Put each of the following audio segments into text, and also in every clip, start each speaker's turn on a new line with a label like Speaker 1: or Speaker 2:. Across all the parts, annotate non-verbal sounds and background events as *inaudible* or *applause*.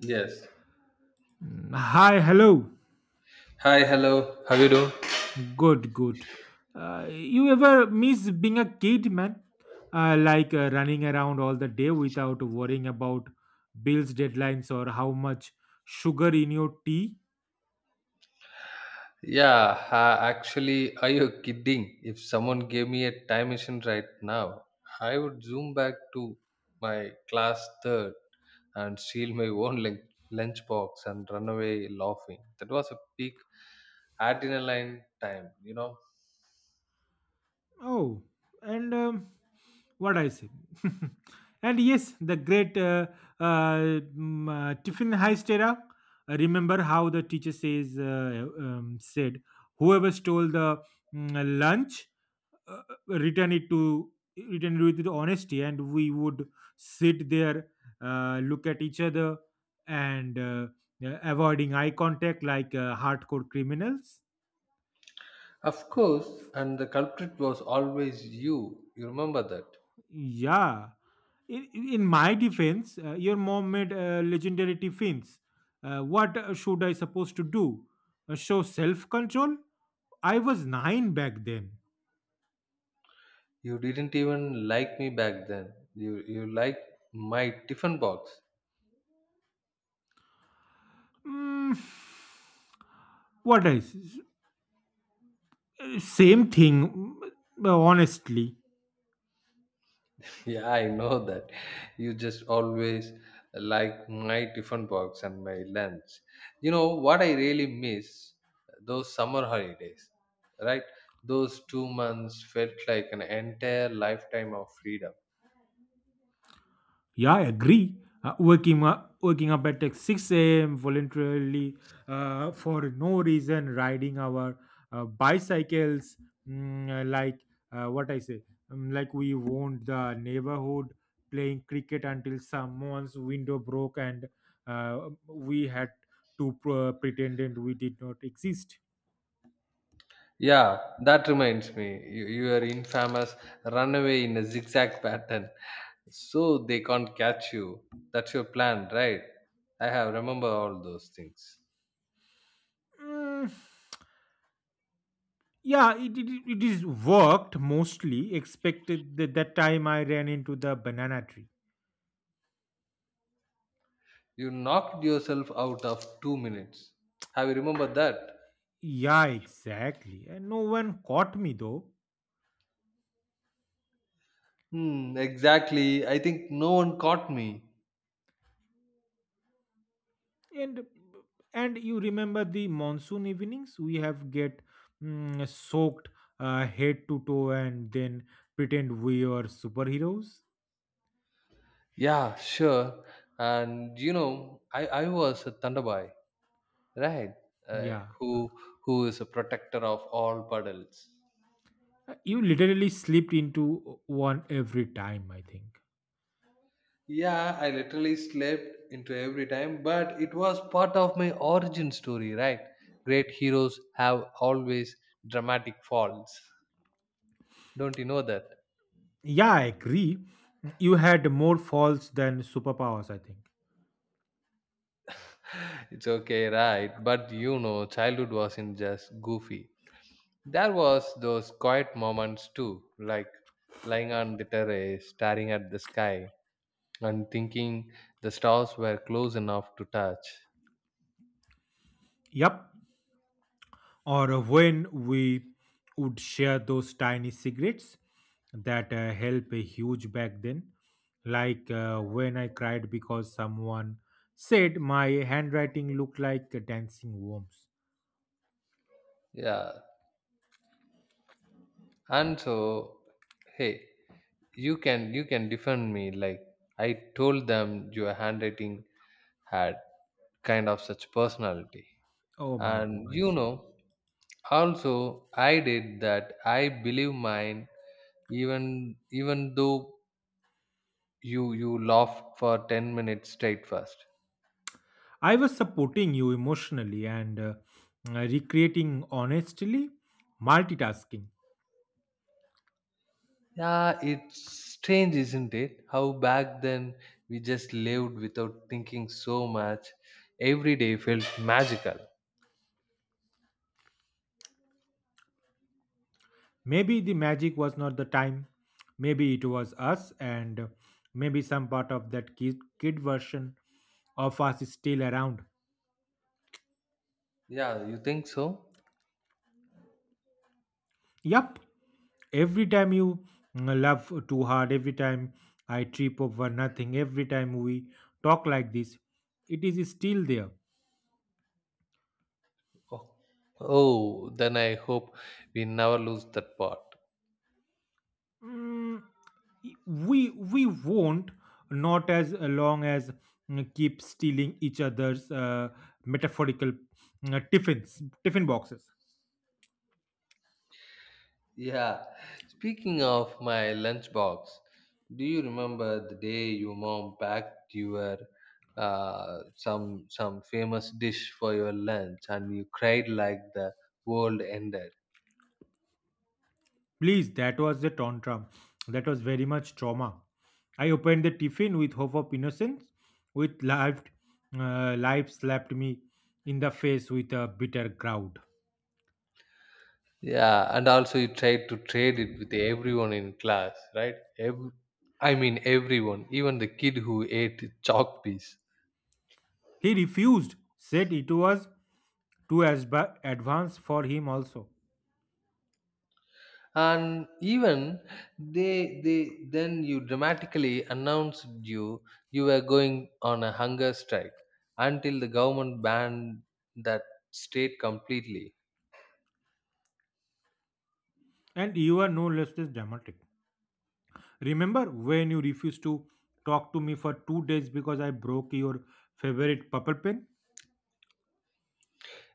Speaker 1: Yes.
Speaker 2: Hi, hello.
Speaker 1: Hi, hello. How you doing?
Speaker 2: Good, good. You ever miss being a kid, man? Like running around all the day without worrying about bills, deadlines, or how much sugar in your tea?
Speaker 1: Yeah, ha, actually, are you kidding? If someone gave me a time machine right now, I would zoom back to my class third and steal my own lunchbox and run away laughing. That was a peak adrenaline time.
Speaker 2: Oh, and what I say? *laughs* And yes, the great Tiffin heist era. Remember how the teacher says said, Whoever stole the lunch, uh, return it to return it with honesty, and we would sit there, look at each other, and avoiding eye contact like hardcore criminals.
Speaker 1: Of course, and the culprit was always you. You remember that.
Speaker 2: Yeah, in my defense, your mom made legendary tiffins. What should I supposed to do? Show self-control. I was nine back then.
Speaker 1: You didn't even like me back then. You liked my tiffin box.
Speaker 2: mm, *sighs* what else? Same thing, honestly.
Speaker 1: Yeah, I know that. You just always like my tiffin box and my lunch. You know what I really miss? Those summer holidays, right? Those 2 months felt like an entire lifetime of freedom.
Speaker 2: Yeah, I agree. Waking up at like 6 a.m. voluntarily, for no reason, riding our bicycles, like uh, what I say, like we owned the neighborhood, playing cricket until someone's window broke, and we had to pretend and we did not exist.
Speaker 1: Yeah, that reminds me. Your infamous runaway in a zigzag pattern, so they can't catch you. That's your plan, right? I have remember all those things.
Speaker 2: Mm, yeah, it is worked mostly. Expected that time I ran into the banana tree.
Speaker 1: You knocked yourself out of 2 minutes. Have you remembered that?
Speaker 2: Yeah, exactly. And no one caught me though.
Speaker 1: Hmm, exactly. I think no one caught me.
Speaker 2: And and you remember the monsoon evenings? We have get soaked head to toe and then pretend we are superheroes.
Speaker 1: Yeah, sure. And you know, I was a Thunderboy, right? Uh,
Speaker 2: Yeah.
Speaker 1: who who is a protector of all puddles.
Speaker 2: You literally slipped into one every time, I think.
Speaker 1: Yeah, I literally slept into every time, but it was part of my origin story, right? Great heroes have always dramatic falls. Don't you know that?
Speaker 2: Yeah, I agree. You had more falls than superpowers, I think.
Speaker 1: It's okay, right? But you know, childhood wasn't just goofy. There was those quiet moments too, like lying on the terrace, staring at the sky, and thinking the stars were close enough to touch.
Speaker 2: Yep. Or when we would share those tiny cigarettes that help a huge back then, like when I cried because someone said my handwriting looked like dancing worms.
Speaker 1: Yeah, and so, hey, you can defend me. Like I told them, your handwriting had kind of such personality,
Speaker 2: Oh my
Speaker 1: and you
Speaker 2: goodness,
Speaker 1: know, also I did that. I believe mine even though you laughed for 10 minutes straight first.
Speaker 2: I was supporting you emotionally, and recreating, honestly, multitasking.
Speaker 1: Yeah, it's strange, isn't it, how back then we just lived without thinking so much. Every day felt magical.
Speaker 2: Maybe the magic was not the time. Maybe it was us, and maybe some part of that kid version of us is still around.
Speaker 1: Yeah, you think so?
Speaker 2: Yup, every time you love too hard, every time I trip over nothing, every time we talk like this, it is still there.
Speaker 1: Oh, oh then I hope we never lose that part.
Speaker 2: Mm, we won't, not as long as keep stealing each other's metaphorical tiffin boxes.
Speaker 1: Yeah. Speaking of my lunchbox, do you remember the day your mom packed your some famous dish for your lunch and you cried like the world ended?
Speaker 2: Please, that was the tantrum. That was very much trauma. I opened the tiffin with hope of innocence, with life, life slapped me in the face with a bitter crowd.
Speaker 1: Yeah, and also you tried to trade it with everyone in class, right? Everyone, even the kid who ate chalk piece.
Speaker 2: He refused, said it was too advanced for him also.
Speaker 1: And even they then you dramatically announced you were going on a hunger strike until the government banned that state completely.
Speaker 2: And you are no less than dramatic. Remember when you refused to talk to me for 2 days because I broke your favorite purple pen?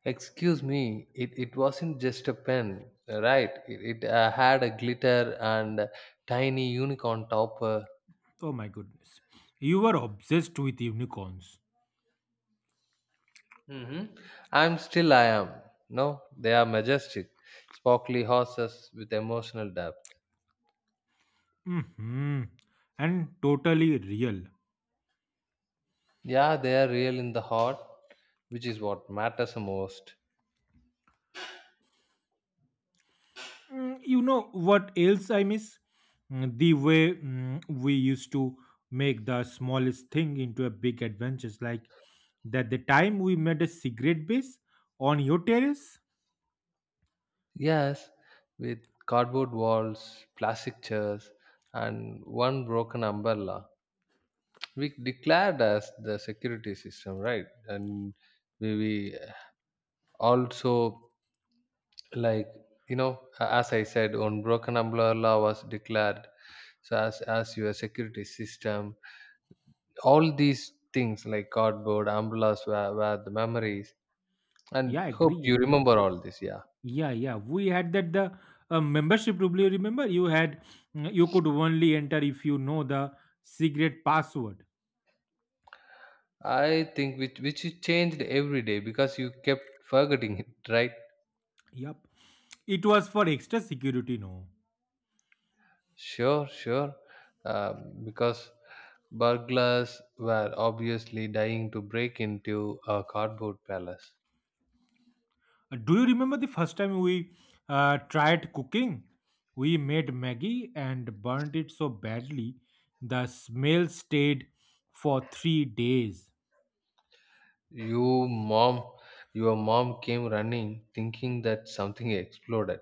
Speaker 1: Excuse me, it wasn't just a pen, right? It had a glitter and a tiny unicorn topper.
Speaker 2: Oh my goodness, you were obsessed with unicorns.
Speaker 1: Hmm, I am, no, they are majestic sparkly horses with emotional depth.
Speaker 2: Hmm. And totally real.
Speaker 1: Yeah, they are real in the heart, which is what matters the most.
Speaker 2: Mm, you know what else I miss? Mm. The way, we used to make the smallest thing into a big adventure, like that the time we made a cigarette base on your terrace.
Speaker 1: Yes, with cardboard walls, plastic chairs, and one broken umbrella. We declared as the security system, right? And we also, like, as I said, one broken umbrella was declared so as your security system. All these things like cardboard, umbrellas were the memories. And
Speaker 2: Yeah,
Speaker 1: hope
Speaker 2: agree,
Speaker 1: you
Speaker 2: agree.
Speaker 1: remember all this, yeah.
Speaker 2: Yeah, yeah. We had that the membership rule. You remember, you had, you could only enter if you know the cigarette password.
Speaker 1: I think which is changed every day because you kept forgetting it, *laughs* right?
Speaker 2: Yep, it was for extra security. No.
Speaker 1: Sure, sure. Uh, because burglars were obviously dying to break into a cardboard palace.
Speaker 2: Do you remember the first time we tried cooking? We made Maggie and burned it so badly the smell stayed for 3 days.
Speaker 1: You mom, your mom came running, thinking that something exploded.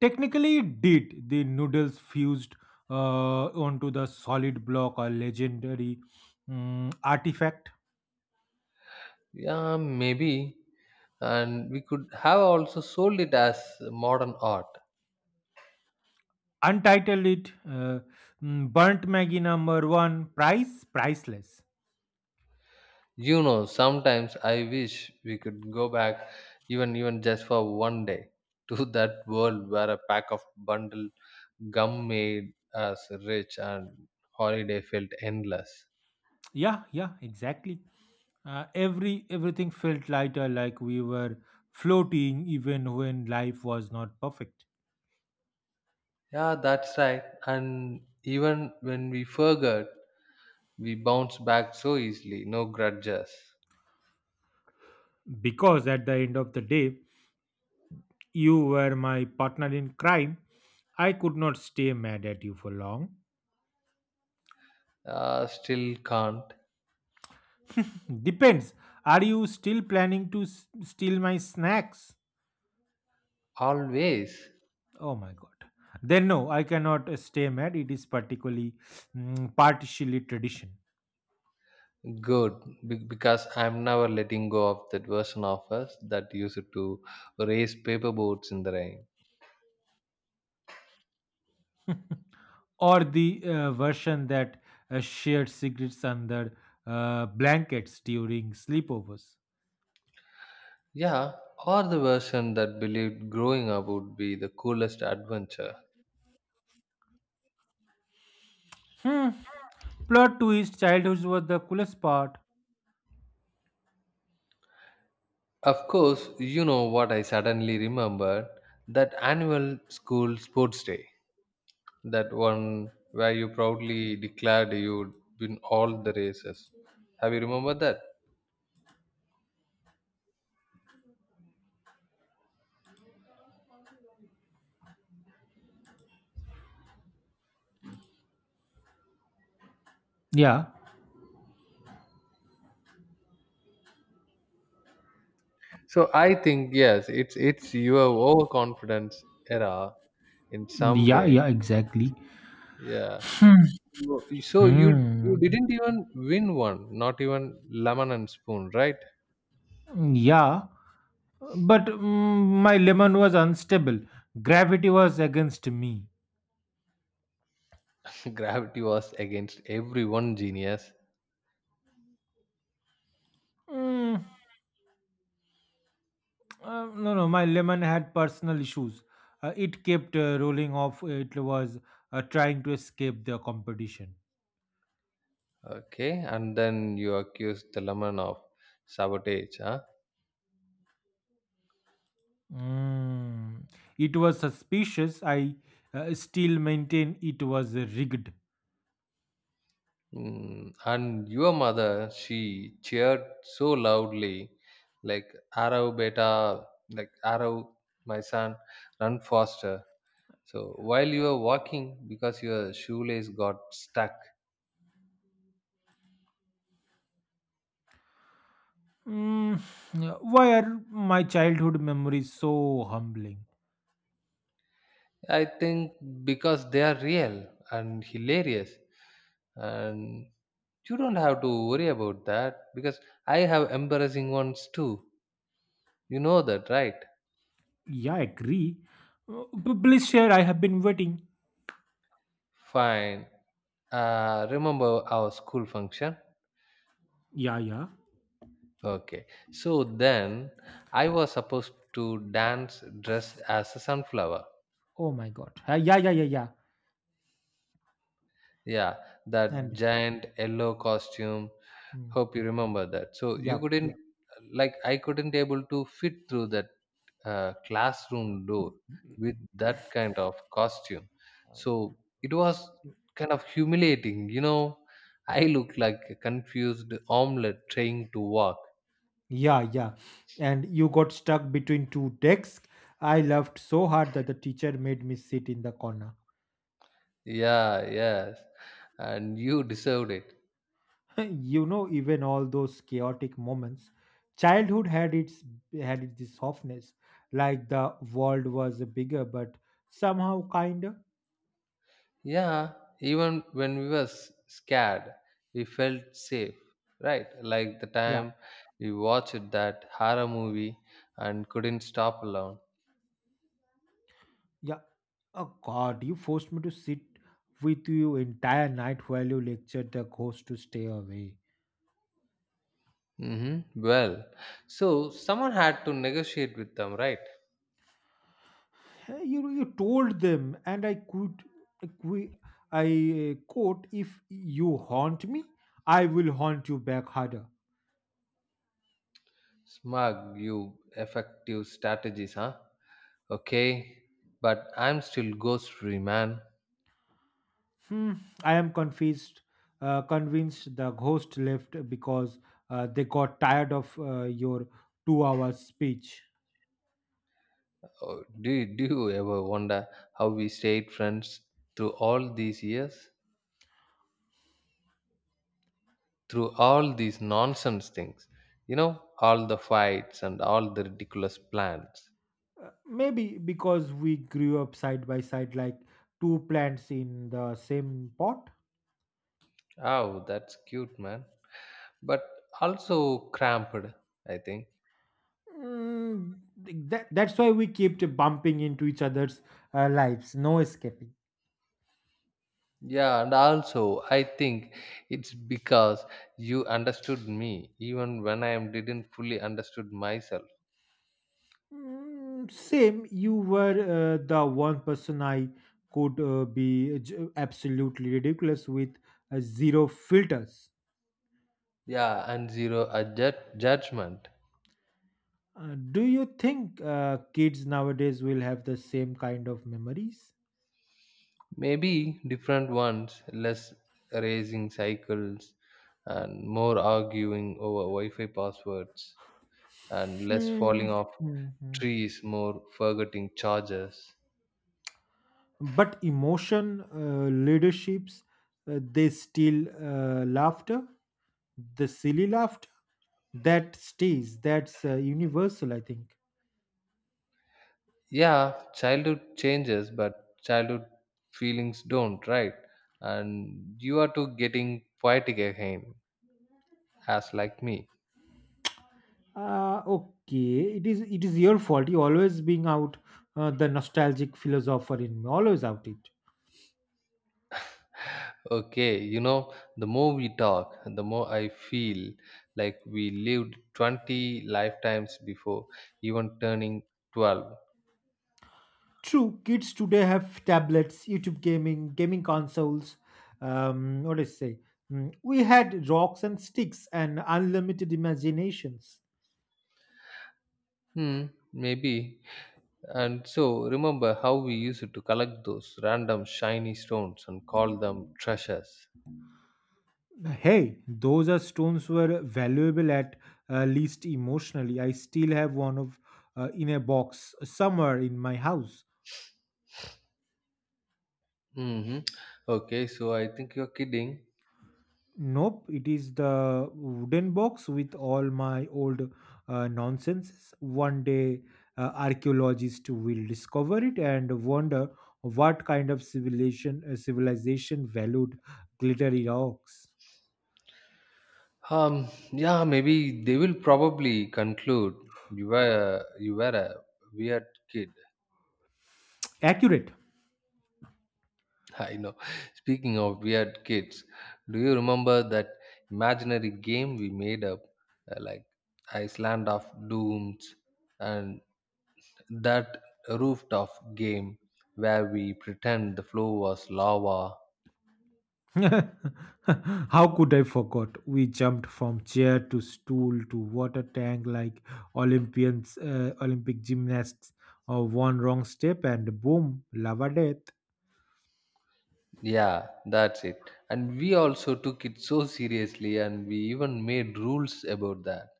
Speaker 2: Technically, it did. The noodles fused onto the solid block, a legendary artifact.
Speaker 1: Yeah, maybe, and we could have also sold it as modern art.
Speaker 2: Untitled it, Burnt Maggie number one, priceless.
Speaker 1: You know, sometimes I wish we could go back, even just for one day, to *laughs* that world where a pack of bundle gum made us rich and holiday felt endless.
Speaker 2: Yeah, yeah, exactly. Everything felt lighter, like we were floating, even when life was not perfect.
Speaker 1: Yeah, that's right. And even when we forgot, we bounce back so easily, no grudges.
Speaker 2: Because at the end of the day, you were my partner in crime. I could not stay mad at you for long.
Speaker 1: Still can't.
Speaker 2: Depends. Are you still planning to steal my snacks?
Speaker 1: Always.
Speaker 2: Oh my god. Then no, I cannot stay mad. It is partially tradition.
Speaker 1: Good, because I'm never letting go of that version of us that used to race paper boats in the rain.
Speaker 2: Or the version that shared secrets under blankets during sleepovers.
Speaker 1: Yeah, or the version that believed growing up would be the coolest adventure.
Speaker 2: Hmm. Plot twist: childhood was the coolest part.
Speaker 1: Of course. You know what I suddenly remembered? That annual school sports day, that one where you proudly declared you'd win all the races. Have you remembered that?
Speaker 2: Yeah,
Speaker 1: So I think yes, it's your overconfidence era in some
Speaker 2: yeah,
Speaker 1: way.
Speaker 2: yeah, exactly.
Speaker 1: Yeah. So you
Speaker 2: Hmm.
Speaker 1: didn't even win one, not even lemon and spoon, right?
Speaker 2: Yeah, but my lemon was unstable. Gravity was against me.
Speaker 1: *laughs* Gravity was against everyone, genius.
Speaker 2: Mm, no, no, my lemon had personal issues. It kept rolling off. It was trying to escape the competition.
Speaker 1: Okay, and then you accused the lemon of sabotage, huh?
Speaker 2: Mm. It was suspicious. I still maintain it was rigged.
Speaker 1: Mm. And your mother, she cheered so loudly, like arrow beta, like arrow, my son, run faster. So while you were walking, because your shoelace got stuck,
Speaker 2: Mm. Why are my childhood memories so humbling?
Speaker 1: I think because they are real and hilarious, and you don't have to worry about that because I have embarrassing ones too. You know that, right?
Speaker 2: Yeah, I agree. Please share. I have been waiting.
Speaker 1: Fine. Remember our school function?
Speaker 2: Yeah, yeah.
Speaker 1: Okay. So then I was supposed to dance dressed as a sunflower.
Speaker 2: Oh my God. Yeah, yeah, yeah, yeah.
Speaker 1: Yeah, that
Speaker 2: And
Speaker 1: giant yellow costume.
Speaker 2: mm,
Speaker 1: Hope you remember that. So you
Speaker 2: yep,
Speaker 1: couldn't,
Speaker 2: yep.
Speaker 1: like, I couldn't able to fit through that classroom door with that kind of costume. So it was kind of humiliating. I looked like a confused omelette trying to walk.
Speaker 2: Yeah, yeah. And you got stuck between two desks. I laughed so hard that the teacher made me sit in the corner.
Speaker 1: Yeah, yes, and you deserved it.
Speaker 2: You know, even all those chaotic moments, childhood had its this softness, like the world was bigger but somehow kinder.
Speaker 1: Yeah, even when we were scared, we felt safe, right? Like the
Speaker 2: Yeah,
Speaker 1: time we watched that horror movie and couldn't stop alone.
Speaker 2: yeah. Oh god, you forced me to sit with you entire night while you lectured the ghost to stay away. Hey,
Speaker 1: Mm-hmm. Well, so someone had to negotiate with them, right?
Speaker 2: you told them, and I could I qui- I, quote, if you haunt me, I will haunt you back harder.
Speaker 1: Smug, you effective strategies, huh? Okay, but I'm still ghost-free, man.
Speaker 2: Hmm, I am convinced the ghost left because they got tired of your 2 hour speech.
Speaker 1: Oh, do you ever wonder how we stayed friends through all these years? Through all these nonsense things, you know all the fights and all the ridiculous plans.
Speaker 2: Maybe because we grew up side by side, like two plants in the same pot.
Speaker 1: Oh, that's cute, man, but also cramped, I think.
Speaker 2: Mm, that's why we kept bumping into each other's lives, no escaping.
Speaker 1: Yeah, and also I think it's because you understood me even when I am didn't fully understood myself.
Speaker 2: Mm, same, you were the one person I could be absolutely ridiculous with, zero filters.
Speaker 1: Yeah, and zero judgment.
Speaker 2: Do you think kids nowadays will have the same kind of memories?
Speaker 1: Maybe different ones, less racing cycles and more arguing over Wi-Fi passwords, and less
Speaker 2: Hmm,
Speaker 1: falling off
Speaker 2: hmm, hmm.
Speaker 1: trees, more forgetting charges.
Speaker 2: But leaderships, they still, laughter, the silly laughter that stays. That's universal, I think.
Speaker 1: Yeah, childhood changes, but childhood feelings don't, right? And you are too getting poetic again, as like me.
Speaker 2: Okay, it is. It is your fault. You always being out the nostalgic philosopher in me. Always out it.
Speaker 1: Okay, you know, the more we talk, the more I feel like we lived 20 lifetimes before even turning 12.
Speaker 2: True, kids today have tablets, YouTube gaming, gaming consoles. What do I say? Mm. We had rocks and sticks and unlimited imaginations.
Speaker 1: Hmm, maybe. And so, remember how we used to collect those random shiny stones and call them treasures.
Speaker 2: Hey, those are stones were valuable at least emotionally. I still have one of in a box somewhere in my house.
Speaker 1: Hmm. Okay, so I think you're kidding.
Speaker 2: Nope, it is the wooden box with all my old nonsense. One day, archaeologists will discover it and wonder what kind of civilization valued glittery rocks.
Speaker 1: Yeah, maybe they will probably conclude you were a weird kid.
Speaker 2: Accurate.
Speaker 1: *laughs* I know. Speaking of weird kids, do you remember that imaginary game we made up, like Iceland of Dooms, and that rooftop game where we pretend the floor was lava?
Speaker 2: *laughs* How could I forget? We jumped from chair to stool to water tank like Olympic gymnasts. One wrong step and boom, lava death.
Speaker 1: Yeah, that's it. And we also took it so seriously, and we even made rules about that.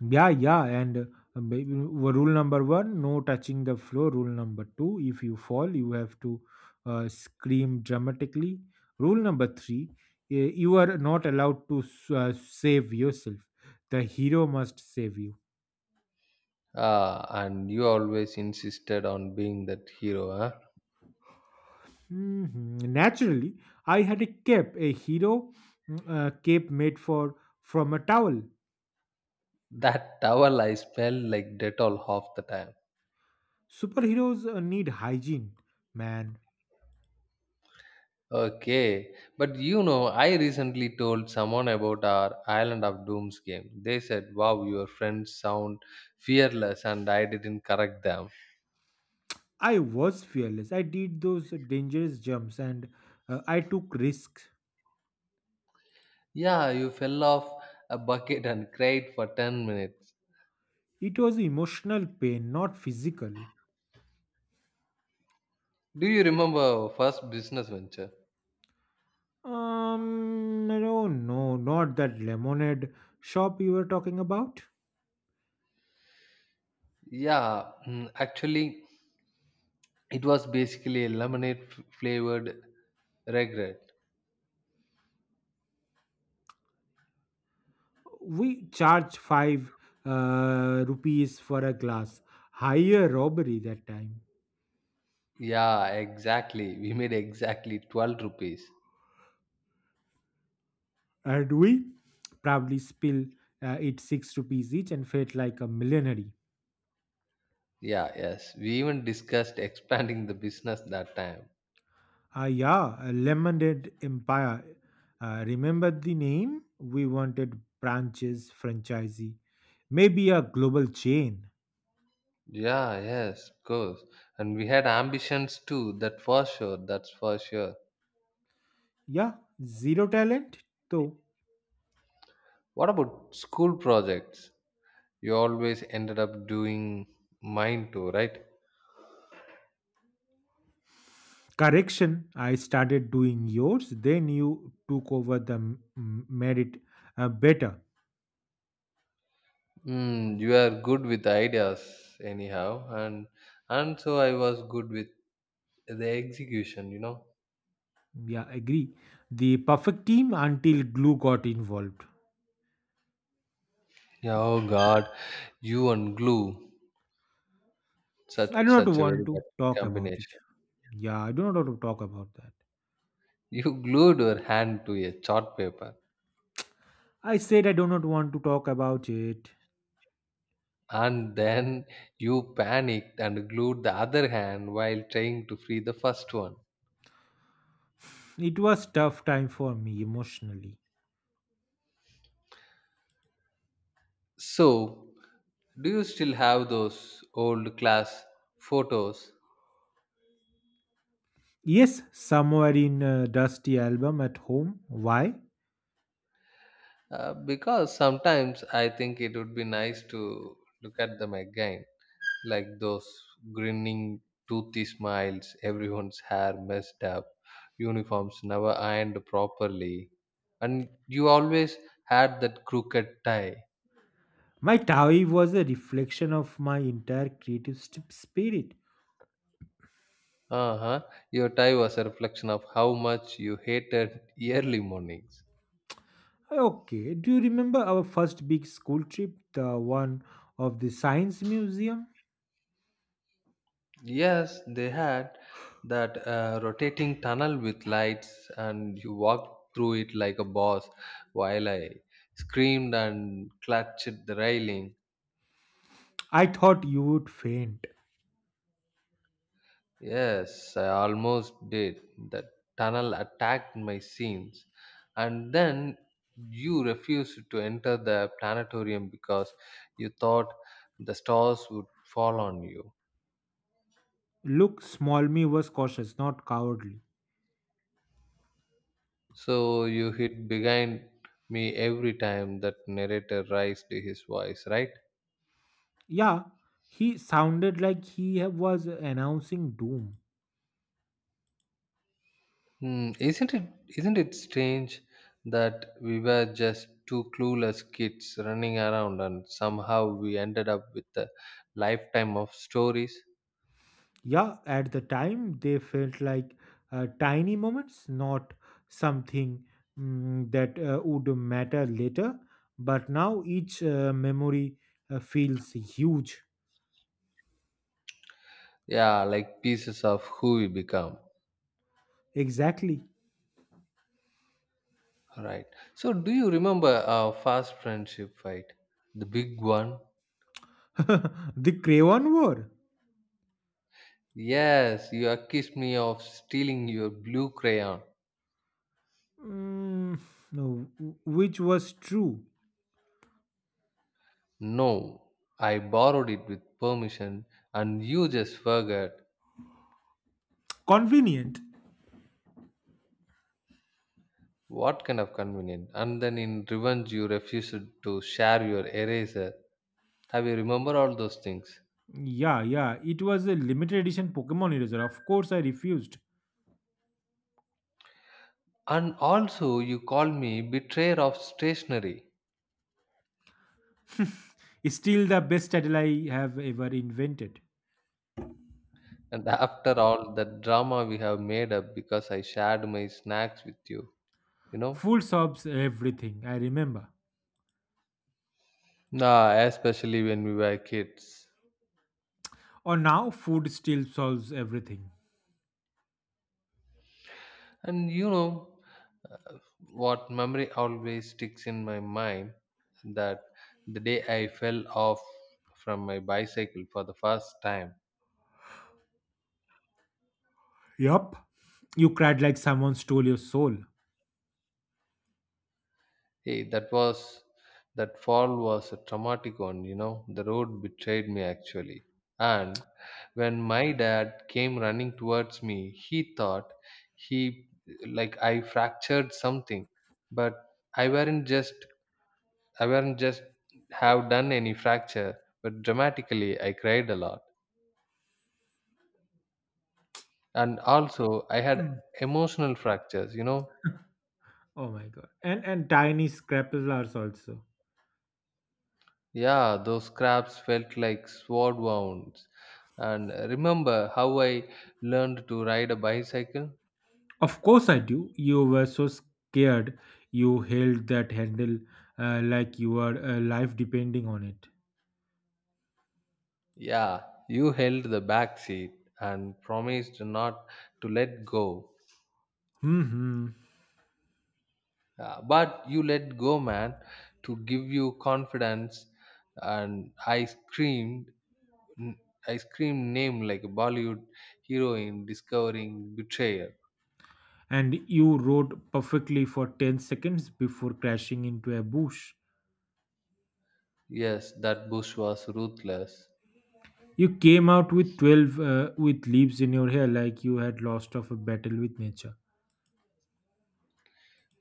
Speaker 2: Yeah, yeah, and rule number one, no touching the floor. Rule number two, if you fall, you have to scream dramatically. Rule number three, you are not allowed to save yourself. The hero must save you.
Speaker 1: Ah, and you always insisted on being that hero, huh?
Speaker 2: Mhm. Naturally, I had a cape, a hero cape made for from a towel.
Speaker 1: That towel I smell like Dettol half the time.
Speaker 2: Superheroes need hygiene, man.
Speaker 1: Okay, but you know, I recently told someone about our Island of Dooms game. They said, "Wow, your friends sound fearless," and I didn't correct them.
Speaker 2: I was fearless. I did those dangerous jumps, and I took risks.
Speaker 1: Yeah, you fell off a bucket and cried for 10 minutes.
Speaker 2: It was emotional pain, not physical.
Speaker 1: Do you remember first business venture?
Speaker 2: No, no, not that lemonade shop you were talking about.
Speaker 1: Yeah, actually, it was basically a lemonade flavored regret.
Speaker 2: We charged five rupees for a glass. Higher robbery that time.
Speaker 1: Yeah, exactly. We made exactly 12 rupees.
Speaker 2: And we probably spill it six rupees each and felt like a millionaire.
Speaker 1: Yeah, yes. We even discussed expanding the business that time.
Speaker 2: Ah, yeah, a Lemonade Empire. Remember the name? We wanted branches, franchisee, maybe a global chain.
Speaker 1: Yeah, yes, of course. And we had ambitions too, that's for sure.
Speaker 2: Yeah, zero talent, though.
Speaker 1: What about school projects? You always ended up doing mine too, right?
Speaker 2: Correction, I started doing yours, then you took over the m- m- merit better.
Speaker 1: Mm, you are good with ideas, anyhow, and so I was good with the execution. You know.
Speaker 2: Yeah, agree. The perfect team until glue got involved.
Speaker 1: Yeah, oh God, you and glue, such
Speaker 2: I do not
Speaker 1: such a
Speaker 2: want
Speaker 1: very
Speaker 2: to
Speaker 1: bad
Speaker 2: talk about it.
Speaker 1: combination. *laughs*
Speaker 2: Yeah, I do not want to talk about that.
Speaker 1: You glued your hand to a chart paper,
Speaker 2: I said I do not want to talk about it.
Speaker 1: and then you panicked and glued the other hand while trying to free the first one.
Speaker 2: It was tough time for me emotionally.
Speaker 1: So, do you still have those old class photos?
Speaker 2: Yes, somewhere in a dusty album at home. Why?
Speaker 1: Because sometimes I think it would be nice to look at them again, like those grinning, toothy smiles, *laughs* everyone's hair messed up, uniforms never ironed properly, and you always had that crooked tie.
Speaker 2: My Tawi was a reflection of my entire creative spirit.
Speaker 1: Uh huh. Your tie was a reflection of how much you hated *laughs* early mornings.
Speaker 2: Okay, do you remember our first big school trip, the one of the science museum?
Speaker 1: Yes, they had that rotating tunnel with lights, and you walked through it like a boss while I screamed and clutched the railing.
Speaker 2: I thought you would faint.
Speaker 1: Yes, I almost did. That tunnel attacked my scenes. And then you refused to enter the planetarium because you thought the stars would fall on you.
Speaker 2: Look, small me was cautious, not cowardly.
Speaker 1: So you hit behind me every time that narrator raised his voice, right?
Speaker 2: Yeah, he sounded like he was announcing doom.
Speaker 1: Hmm, isn't it strange that we were just two clueless kids running around and somehow we ended up with a lifetime of stories?
Speaker 2: Yeah, at the time they felt like tiny moments, not something, that would matter later. But now each memory feels huge.
Speaker 1: Yeah, like pieces of who we become.
Speaker 2: Exactly.
Speaker 1: Right. So do you remember our first friendship fight? The big one?
Speaker 2: *laughs* The Crayon War.
Speaker 1: Yes, you accused me of stealing your blue crayon.
Speaker 2: Mm, no, which was true.
Speaker 1: No, I borrowed it with permission and you just forgot.
Speaker 2: Convenient.
Speaker 1: What kind of convenient? And then in revenge, you refused to share your eraser. Have you remember all those things?
Speaker 2: Yeah, yeah. It was a limited edition Pokemon eraser. Of course, I refused.
Speaker 1: And also, you called me betrayer of stationery.
Speaker 2: It's still the best title I have ever invented.
Speaker 1: And *laughs* after all that drama, we have made up because I shared my snacks with you, you know?
Speaker 2: Full sobs, everything. I remember.
Speaker 1: Nah, especially when we were kids.
Speaker 2: Or now food still solves everything.
Speaker 1: And you know, what memory always sticks in my mind, that the day I fell off from my bicycle for the first time.
Speaker 2: Yup. You cried like someone stole your soul.
Speaker 1: Hey, that fall was a traumatic one. The road betrayed me actually. And when my dad came running towards me, he thought he like I fractured something, but I weren't just I weren't just have done any fracture, but dramatically I cried a lot. And also, I had
Speaker 2: Mm.
Speaker 1: emotional fractures.
Speaker 2: Oh my god. And tiny scrapplers also.
Speaker 1: Yeah, those scraps felt like sword wounds. And remember how I learned to ride a bicycle?
Speaker 2: Of course I do. You were so scared. You held that handle, like your life depending on it.
Speaker 1: Yeah, you held the back seat and promised not to let go.
Speaker 2: Hmm.
Speaker 1: But you let go, man, to give you confidence, and i screamed I screamed name like a Bollywood hero in discovering betrayal.
Speaker 2: And you rode perfectly for 10 seconds before crashing into a bush.
Speaker 1: Yes, that bush was ruthless.
Speaker 2: You came out with leaves in your hair, like you had lost of a battle with nature.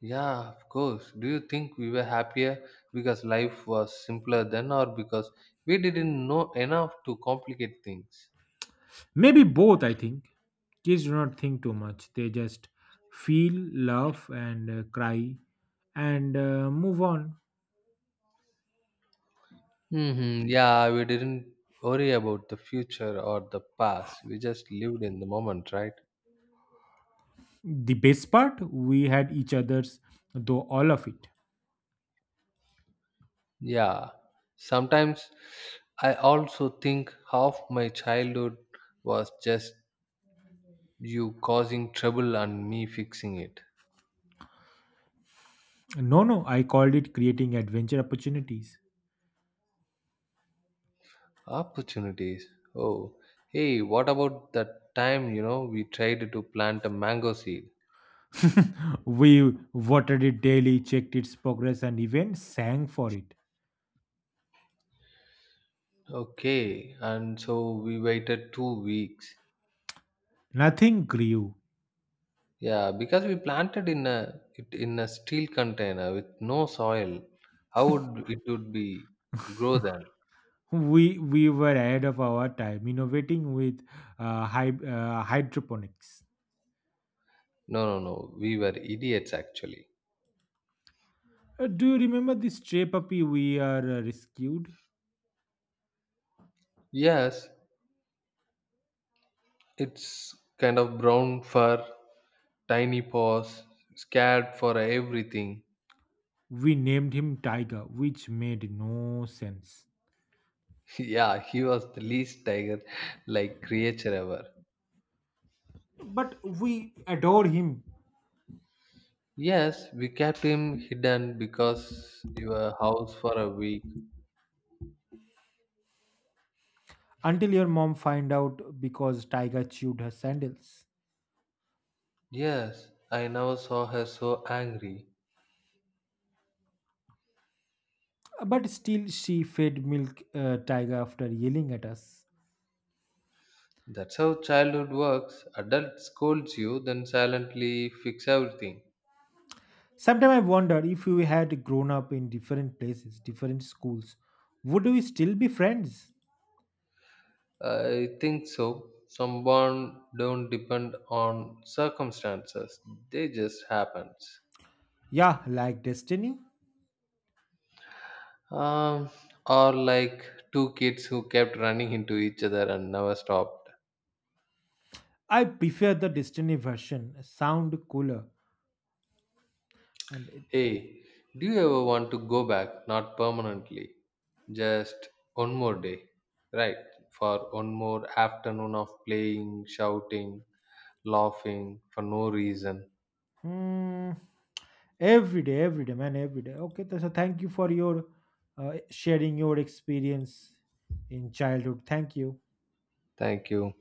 Speaker 1: Yeah, of course. Do you think we were happier because life was simpler then or because we didn't know enough to complicate things?
Speaker 2: Maybe both, I think. Kids do not think too much, they just feel, laugh, and cry, and move on.
Speaker 1: Hmm. Yeah, we didn't worry about the future or the past. We just lived in the moment, right?
Speaker 2: The best part, we had each other's, though, all of it.
Speaker 1: Yeah. Sometimes I also think half my childhood was just you causing trouble and me fixing it.
Speaker 2: No, no, I called it creating adventure opportunities.
Speaker 1: Opportunities. Oh, hey, what about that time, we tried to plant a mango seed?
Speaker 2: *laughs* We watered it daily, checked its progress, and even sang for it.
Speaker 1: Okay, and so we waited 2 weeks.
Speaker 2: Nothing grew.
Speaker 1: Yeah, because we planted in a it in a steel container with no soil. How would it would be grow then?
Speaker 2: We were ahead of our time, innovating with hydroponics.
Speaker 1: No, no, no. We were idiots actually.
Speaker 2: Do you remember this stray puppy we are rescued?
Speaker 1: Yes, it's kind of brown fur, tiny paws, scared for everything.
Speaker 2: We named him Tiger, which made no sense.
Speaker 1: *laughs* Yeah, he was the least tiger like creature ever.
Speaker 2: But we adore him
Speaker 1: Yes, we kept him hidden because your house for a week.
Speaker 2: until your mom find out because Tiger chewed her sandals.
Speaker 1: Yes, I never saw her so angry.
Speaker 2: But still, she fed milk, Tiger, after yelling at us.
Speaker 1: That's how childhood works. Adult scolds you, then silently fix everything.
Speaker 2: Sometimes I wonder if we had grown up in different places, different schools, would we still be friends?
Speaker 1: I think so. Some bonds don't depend on circumstances, they just happens.
Speaker 2: Yeah, like Destiny.
Speaker 1: Um, or like two kids who kept running into each other and never stopped.
Speaker 2: I prefer the Destiny version, sound cooler. And
Speaker 1: Hey, do you ever want to go back? Not permanently, just one more day, right? For one more afternoon of playing, shouting, laughing for no reason.
Speaker 2: Hmm. Every day, every day, man, every day. Okay, so thank you for your sharing your experience in childhood. Thank you.
Speaker 1: Thank you.